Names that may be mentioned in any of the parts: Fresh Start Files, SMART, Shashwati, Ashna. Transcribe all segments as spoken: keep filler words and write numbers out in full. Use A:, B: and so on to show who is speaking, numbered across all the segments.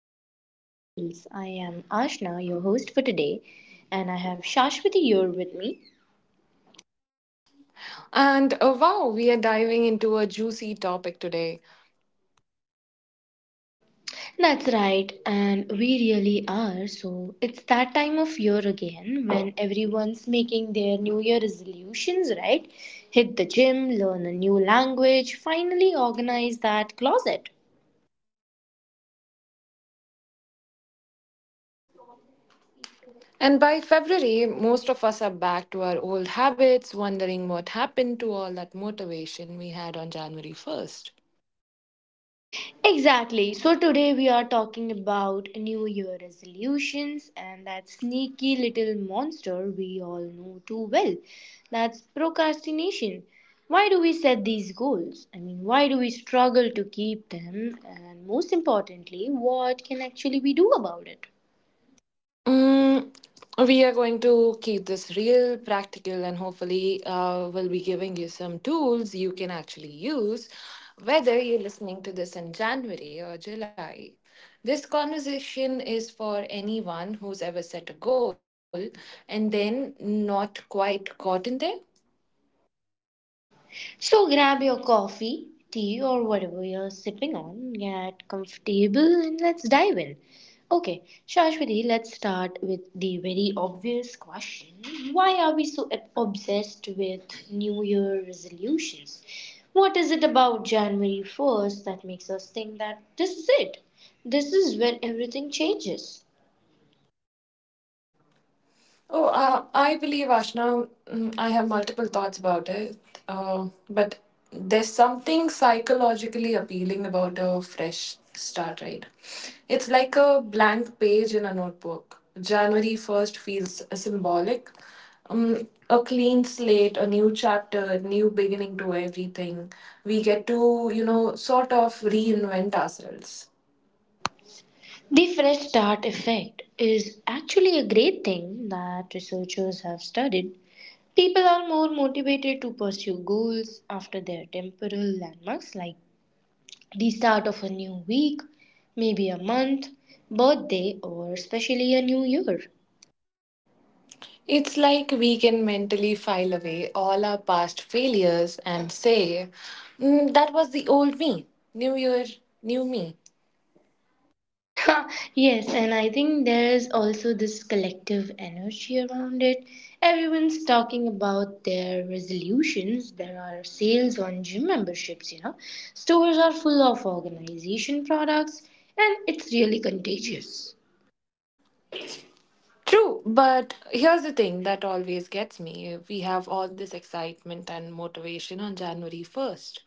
A: Start Files. I am Ashna, your host for today, and I have Shashwati here with me.
B: And uh, wow, we are diving into a juicy topic today.
A: That's right, and we really are. So, it's that time of year again when everyone's making their New Year resolutions, right? Hit the gym, learn a new language, finally organize that closet.
B: And by February, most of us are back to our old habits, wondering what happened to all that motivation we had on January first.
A: Exactly. So today we are talking about New Year resolutions and that sneaky little monster we all know too well. That's procrastination. Why do we set these goals? I mean, why do we struggle to keep them? And most importantly, what can actually we do about it?
B: Mm, we are going to keep this real, practical, and hopefully, uh, we'll be giving you some tools you can actually use, whether you're listening to this in January or July. This conversation is for anyone who's ever set a goal and then not quite gotten there.
A: So grab your coffee, tea, or whatever you're sipping on, get comfortable, and let's dive in. Okay, Shashwati, let's start with the very obvious question. Why are we so ob- obsessed with New Year resolutions? What is it about January first that makes us think that this is it? This is when everything changes.
B: Oh, uh, I believe, Ashna, mm, I have multiple thoughts about it. Uh, but there's something psychologically appealing about a fresh start, right? It's like a blank page in a notebook. January first feels symbolic. Um, a clean slate, a new chapter, new beginning to everything. We get to, you know, sort of reinvent ourselves.
A: The fresh start effect is actually a great thing that researchers have studied. People are more motivated to pursue goals after their temporal landmarks like the start of a new week, maybe a month, birthday, or especially a new year.
B: It's like we can mentally file away all our past failures and say, "Mm, that was the old me. New year, new me."
A: Yes, and I think there's also this collective energy around it. Everyone's talking about their resolutions. There are sales on gym memberships, you know. Stores are full of organization products, and it's really contagious.
B: True, but here's the thing that always gets me. We have all this excitement and motivation on January first,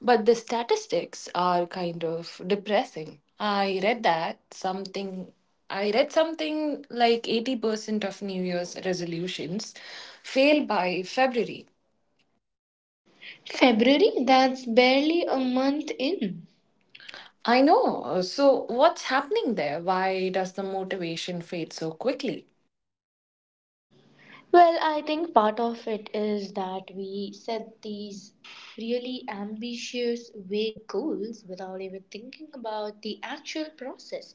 B: but the statistics are kind of depressing. I read that something I read something like eighty percent of New Year's resolutions fail by February.
A: February? That's barely a month in.
B: I know. So, what's happening there? Why does the motivation fade so quickly?
A: Well, I think part of it is that we set these really ambitious, vague goals without even thinking about the actual process.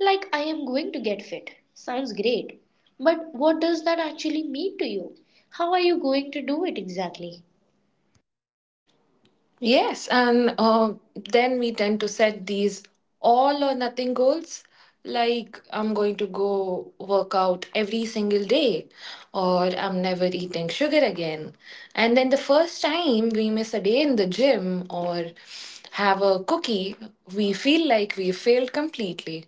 A: Like, I am going to get fit. Sounds great. But what does that actually mean to you? How are you going to do it exactly?
B: Yes, and uh, then we tend to set these all or nothing goals. Like, I'm going to go work out every single day, or I'm never eating sugar again. And then the first time we miss a day in the gym or have a cookie, we feel like we failed completely.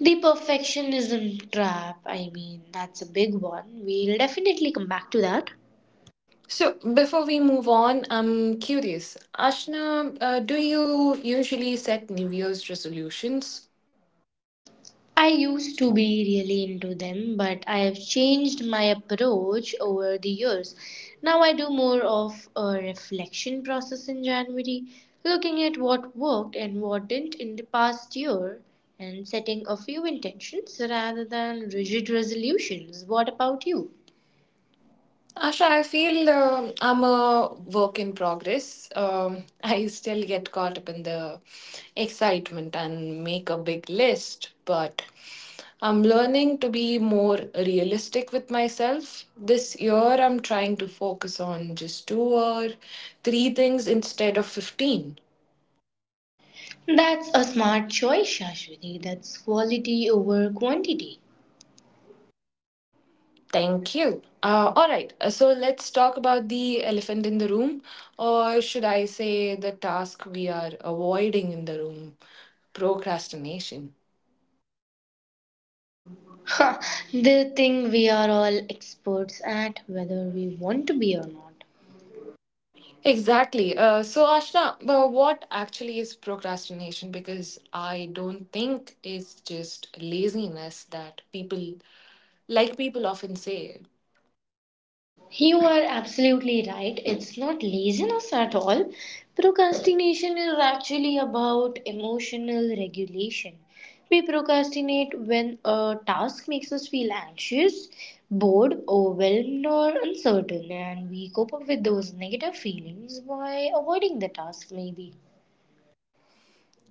A: The perfectionism trap, I mean, that's a big one. We'll definitely come back to that.
B: So, before we move on, I'm curious. Ashna, uh, do you usually set New Year's resolutions?
A: I used to be really into them, but I've changed my approach over the years. Now I do more of a reflection process in January, looking at what worked and what didn't in the past year and setting a few intentions rather than rigid resolutions. What about you?
B: Asha, I feel um I'm a work in progress. Um, I still get caught up in the excitement and make a big list, but I'm learning to be more realistic with myself. This year, I'm trying to focus on just two or three things instead of fifteen.
A: That's a smart choice, Shashwati. That's quality over quantity.
B: Thank you. Uh, all right, uh, so let's talk about the elephant in the room, or should I say the task we are avoiding in the room, procrastination.
A: Ha, the thing we are all experts at, whether we want to be or not.
B: Exactly. Uh, so, Ashna, uh, what actually is procrastination? Because I don't think it's just laziness that people, like people often say.
A: You are absolutely right. It's not laziness at all. Procrastination is actually about emotional regulation. We procrastinate when a task makes us feel anxious, bored, overwhelmed, or uncertain, and we cope up with those negative feelings by avoiding the task, maybe.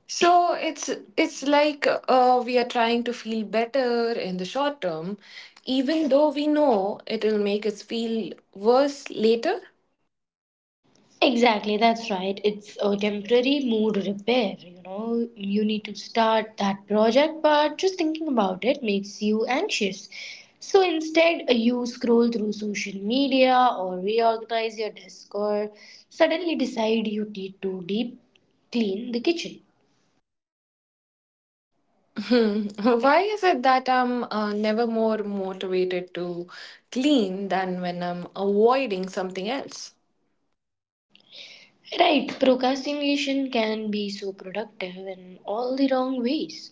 B: So it's it's like uh, we are trying to feel better in the short term, even though we know it'll make us feel worse later.
A: Exactly, that's right. It's a temporary mood repair. You know, you need to start that project, but just thinking about it makes you anxious. So instead, uh, you scroll through social media or reorganize your desk or suddenly decide you need to deep clean the kitchen.
B: Hmm. Why is it that I'm uh, never more motivated to clean than when I'm avoiding something else?
A: Right, procrastination can be so productive in all the wrong ways.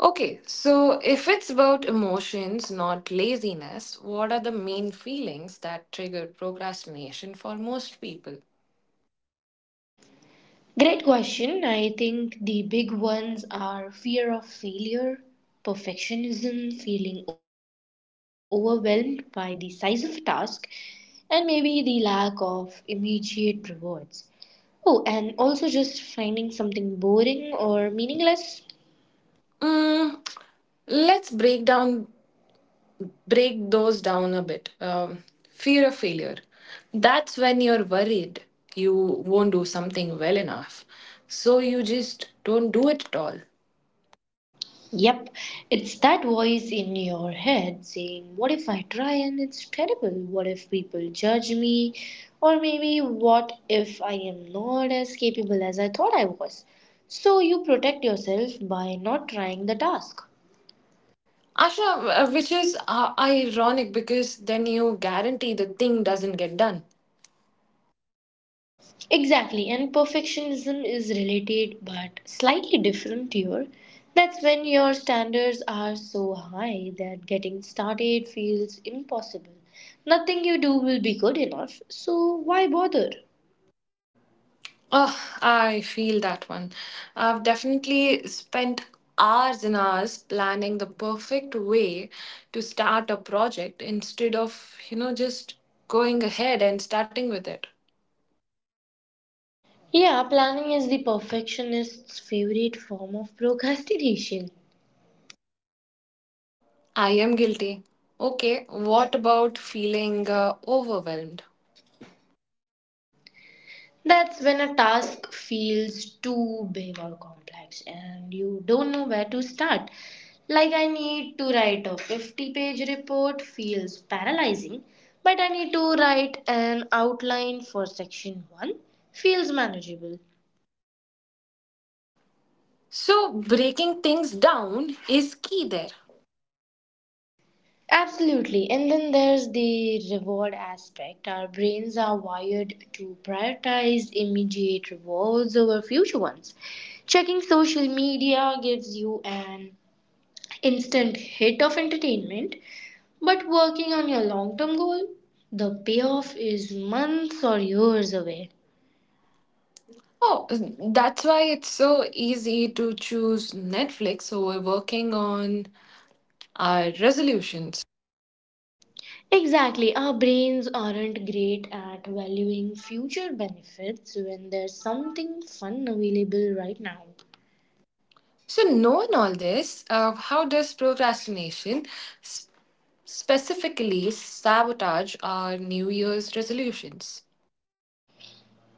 B: Okay, so if it's about emotions, not laziness, what are the main feelings that trigger procrastination for most people?
A: Great question. I think the big ones are fear of failure, perfectionism, feeling overwhelmed by the size of a task, and maybe the lack of immediate rewards. Oh, and also just finding something boring or meaningless.
B: Mm, let's break down break those down a bit. Um, fear of failure. That's when you're worried you won't do something well enough. So you just don't do it at all.
A: Yep, it's that voice in your head saying, "What if I try and it's terrible? What if people judge me? Or maybe, what if I am not as capable as I thought I was?" So you protect yourself by not trying the task.
B: Asha, uh, which is uh, ironic because then you guarantee the thing doesn't get done.
A: Exactly, and perfectionism is related but slightly different here. That's when your standards are so high that getting started feels impossible. Nothing you do will be good enough, so why bother?
B: Oh, I feel that one. I've definitely spent hours and hours planning the perfect way to start a project instead of, you know, just going ahead and starting with it.
A: Yeah, planning is the perfectionist's favorite form of procrastination.
B: I am guilty. Okay, what about feeling uh, overwhelmed?
A: That's when a task feels too big or complex and you don't know where to start. Like, "I need to write a fifty page report," feels paralyzing, but "I need to write an outline for section one" feels manageable.
B: So, breaking things down is key there.
A: Absolutely. And then there's the reward aspect. Our brains are wired to prioritize immediate rewards over future ones. Checking social media gives you an instant hit of entertainment, but working on your long term goal, the payoff is months or years away.
B: Oh, that's why it's so easy to choose Netflix over working on our resolutions.
A: Exactly. Our brains aren't great at valuing future benefits when there's something fun available right now.
B: So, knowing all this, uh, how does procrastination s- specifically sabotage our New Year's resolutions?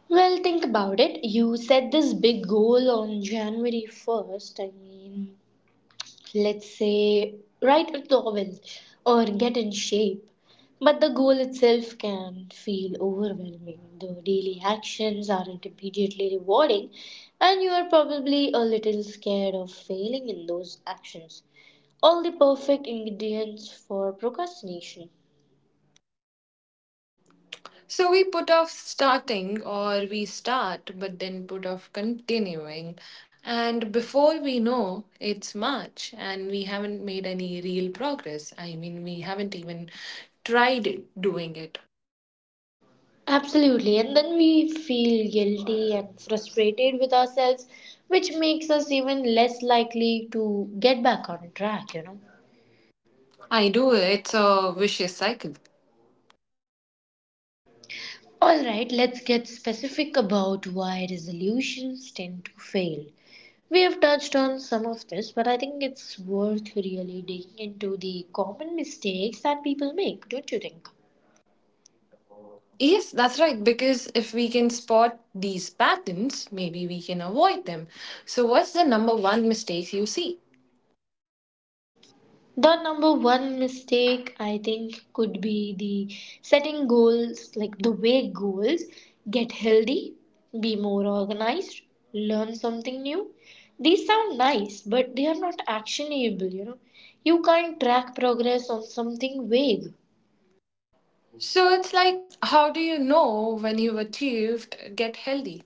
A: Well, think about it. You set this big goal on January first. I mean, let's say write a novel or get in shape. But the goal itself can feel overwhelming. The daily actions aren't immediately rewarding, and you are probably a little scared of failing in those actions. All the perfect ingredients for procrastination.
B: So we put off starting, or we start but then put off continuing. And before we know, it's March and we haven't made any real progress. I mean, we haven't even tried doing it.
A: Absolutely, and then we feel guilty and frustrated with ourselves, which makes us even less likely to get back on track, you know.
B: I do, it's a vicious cycle.
A: All right, let's get specific about why resolutions tend to fail. We have touched on some of this, but I think it's worth really digging into the common mistakes that people make, don't you think?
B: Yes, that's right. Because if we can spot these patterns, maybe we can avoid them. So, what's the number one mistake you see?
A: The number one mistake I think could be the setting goals, like the way goals get healthy, be more organized, learn something new. These sound nice, but they are not actionable, you know. You can't track progress on something vague.
B: So it's like, how do you know when you've achieved get healthy?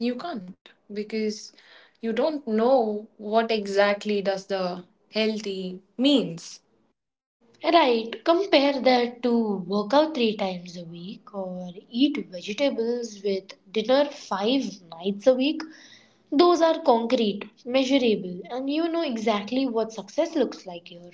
B: You can't because you don't know what exactly does the healthy means.
A: Right, compare that to work out three times a week or eat vegetables with dinner five nights a week. Those are concrete, measurable, and you know exactly what success looks like here.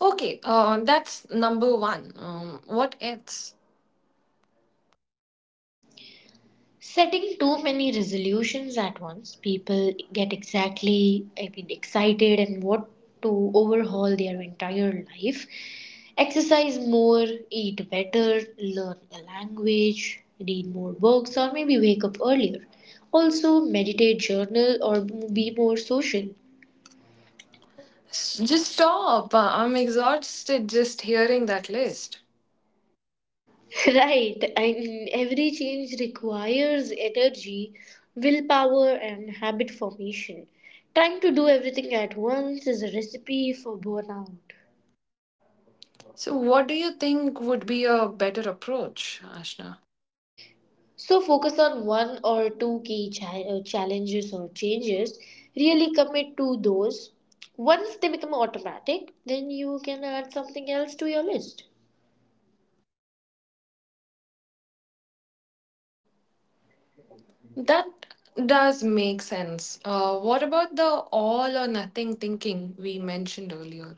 B: Okay, uh, that's number one. Um, what else?
A: Setting too many resolutions at once, people get exactly I mean, excited and want to overhaul their entire life. Exercise more, eat better, learn a language, read more books, or maybe wake up earlier. Also, meditate, journal, or be more social.
B: S- Just stop. Uh, I'm exhausted just hearing that list.
A: Right, and every change requires energy, willpower, and habit formation. Trying to do everything at once is a recipe for burnout.
B: So, what do you think would be a better approach, Ashna?
A: So, focus on one or two key cha- uh, challenges or changes. Really commit to those. Once they become automatic, then you can add something else to your list.
B: That does make sense. Uh, what about the all or nothing thinking we mentioned earlier?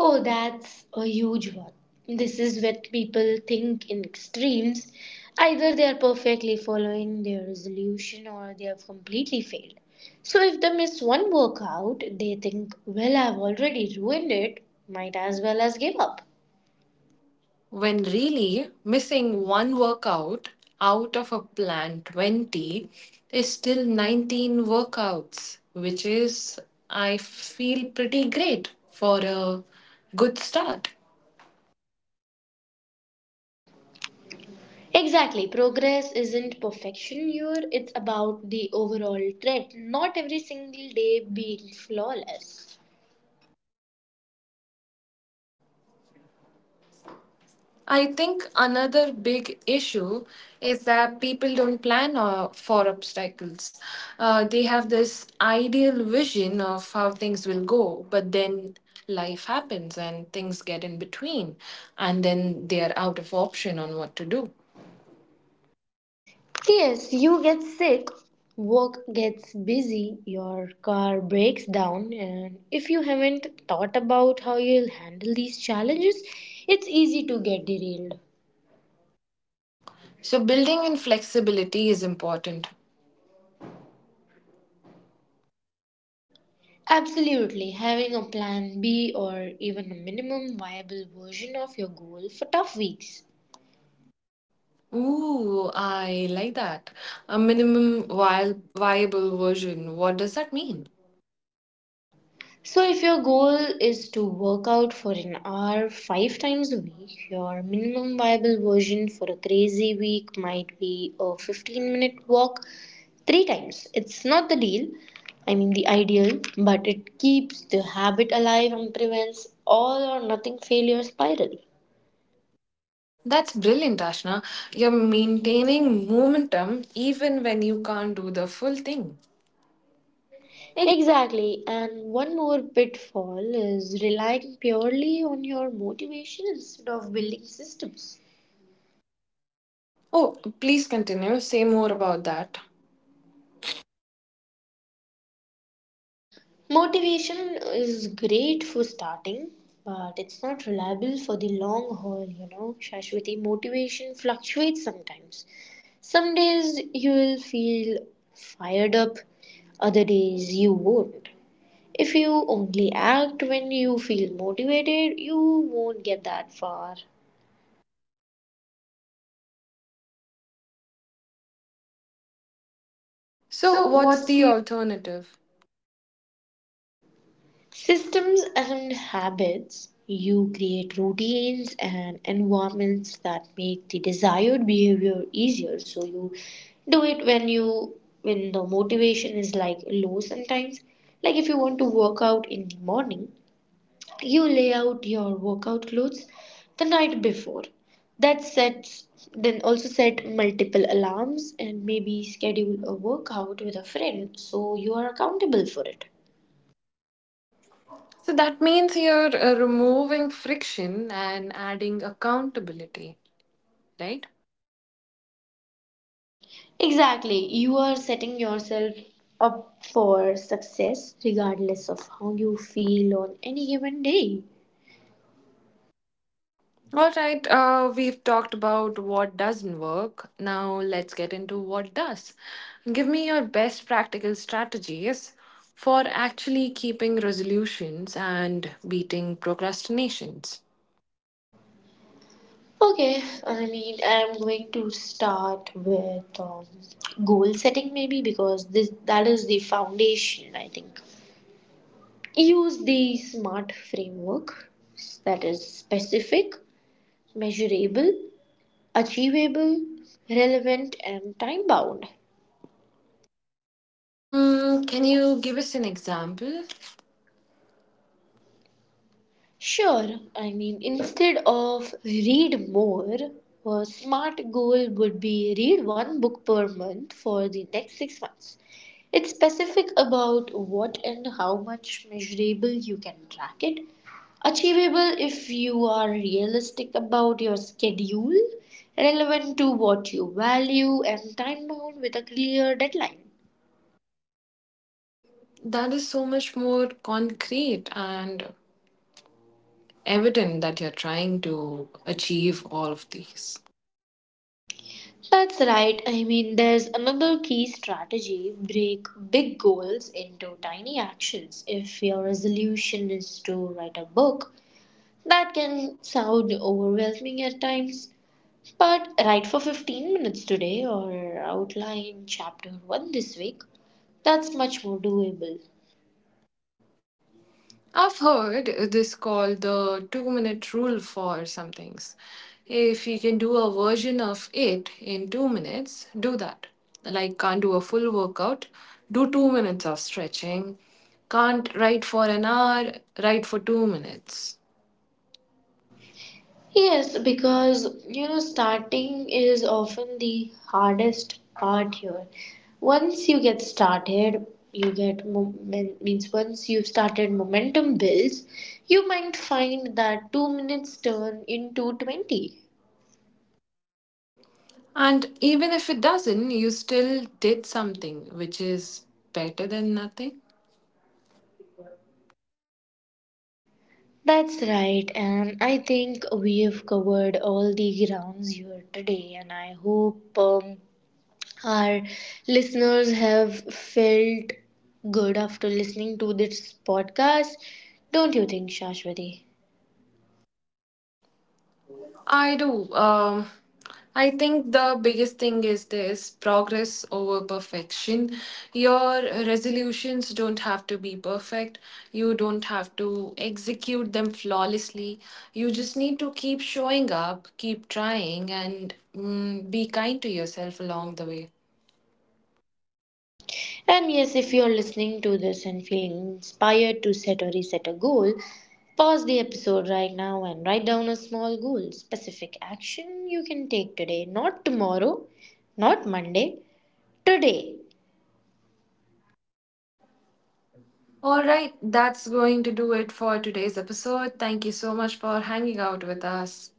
A: Oh, that's a huge one. This is what people think in extremes. Either they are perfectly following their resolution or they have completely failed. So if they miss one workout, they think, "Well, I've already ruined it, might as well as give up."
B: When really missing one workout out of a plan twenty is still nineteen workouts, which is, I feel, pretty great for a good start.
A: Exactly, progress isn't perfection here, it's about the overall trend, not every single day being flawless.
B: I think another big issue is that people don't plan uh, for obstacles. Uh, they have this ideal vision of how things will go, but then life happens and things get in between, and then they are out of option on what to do.
A: Yes, you get sick, work gets busy, your car breaks down, and if you haven't thought about how you'll handle these challenges, it's easy to get derailed.
B: So, building in flexibility is important.
A: Absolutely, having a plan B or even a minimum viable version of your goal for tough weeks.
B: Ooh, I like that. A minimum viable viable version. What does that mean?
A: So, if your goal is to work out for an hour five times a week, your minimum viable version for a crazy week might be a fifteen minute walk three times. It's not the deal, I mean, the ideal, but it keeps the habit alive and prevents all or nothing failure spiral.
B: That's brilliant, Ashna. You're maintaining momentum even when you can't do the full thing.
A: Exactly, and one more pitfall is relying purely on your motivation instead of building systems.
B: Oh, please continue. Say more about that.
A: Motivation is great for starting, but it's not reliable for the long haul, you know. Shashwati, motivation fluctuates sometimes. Some days you will feel fired up, other days you won't. If you only act when you feel motivated, you won't get that far.
B: So,
A: So,
B: what's
A: what's
B: the
A: the
B: alternative?
A: Systems and habits. You create routines and environments that make the desired behavior easier. So you do it when you when the motivation is like low sometimes. Like if you want to work out in the morning, you lay out your workout clothes the night before. That sets then also set multiple alarms and maybe schedule a workout with a friend so you are accountable for it.
B: So, that means you're uh, removing friction and adding accountability, right?
A: Exactly. You are setting yourself up for success regardless of how you feel on any given day.
B: All right, uh, we've talked about what doesn't work. Now let's get into what does. Give me your best practical strategies for actually keeping resolutions and beating procrastinations.
A: Okay, I mean, I'm going to start with um, goal setting maybe because this that is the foundation, I think. Use the SMART framework, that is specific, measurable, achievable, relevant, and time bound.
B: Mm, can you give us an example?
A: Sure, I mean, instead of read more, a smart goal would be read one book per month for the next six months. It's specific about what and how much measurable you can track it. Achievable if you are realistic about your schedule, relevant to what you value, and time bound with a clear deadline.
B: That is so much more concrete and evident that you're trying to achieve all of these.
A: That's right. I mean, there's another key strategy break big goals into tiny actions. If your resolution is to write a book, that can sound overwhelming at times. But write for fifteen minutes today or outline chapter one this week. That's much more doable.
B: I've heard this called the two minute rule for some things. If you can do a version of it in two minutes, do that. Like, can't do a full workout, do two minutes of stretching. Can't write for an hour, write for two minutes.
A: Yes, because you know, starting is often the hardest part here. Once you get started, you get moment, means once you've started, momentum builds. You might find that two minutes turn into twenty.
B: And even if it doesn't, you still did something, which is better than nothing.
A: That's right, and I think we have covered all the grounds here today, and I hope um, our listeners have felt good after listening to this podcast, don't you think, Shashwati?
B: I do. Um, I think the biggest thing is this progress over perfection. Your resolutions don't have to be perfect. You don't have to execute them flawlessly. You just need to keep showing up, keep trying, and mm, be kind to yourself along the way.
A: And yes, if you're listening to this and feeling inspired to set or reset a goal, pause the episode right now and write down a small goal, specific action you can take today, not tomorrow, not Monday, today.
B: All right, that's going to do it for today's episode. Thank you so much for hanging out with us.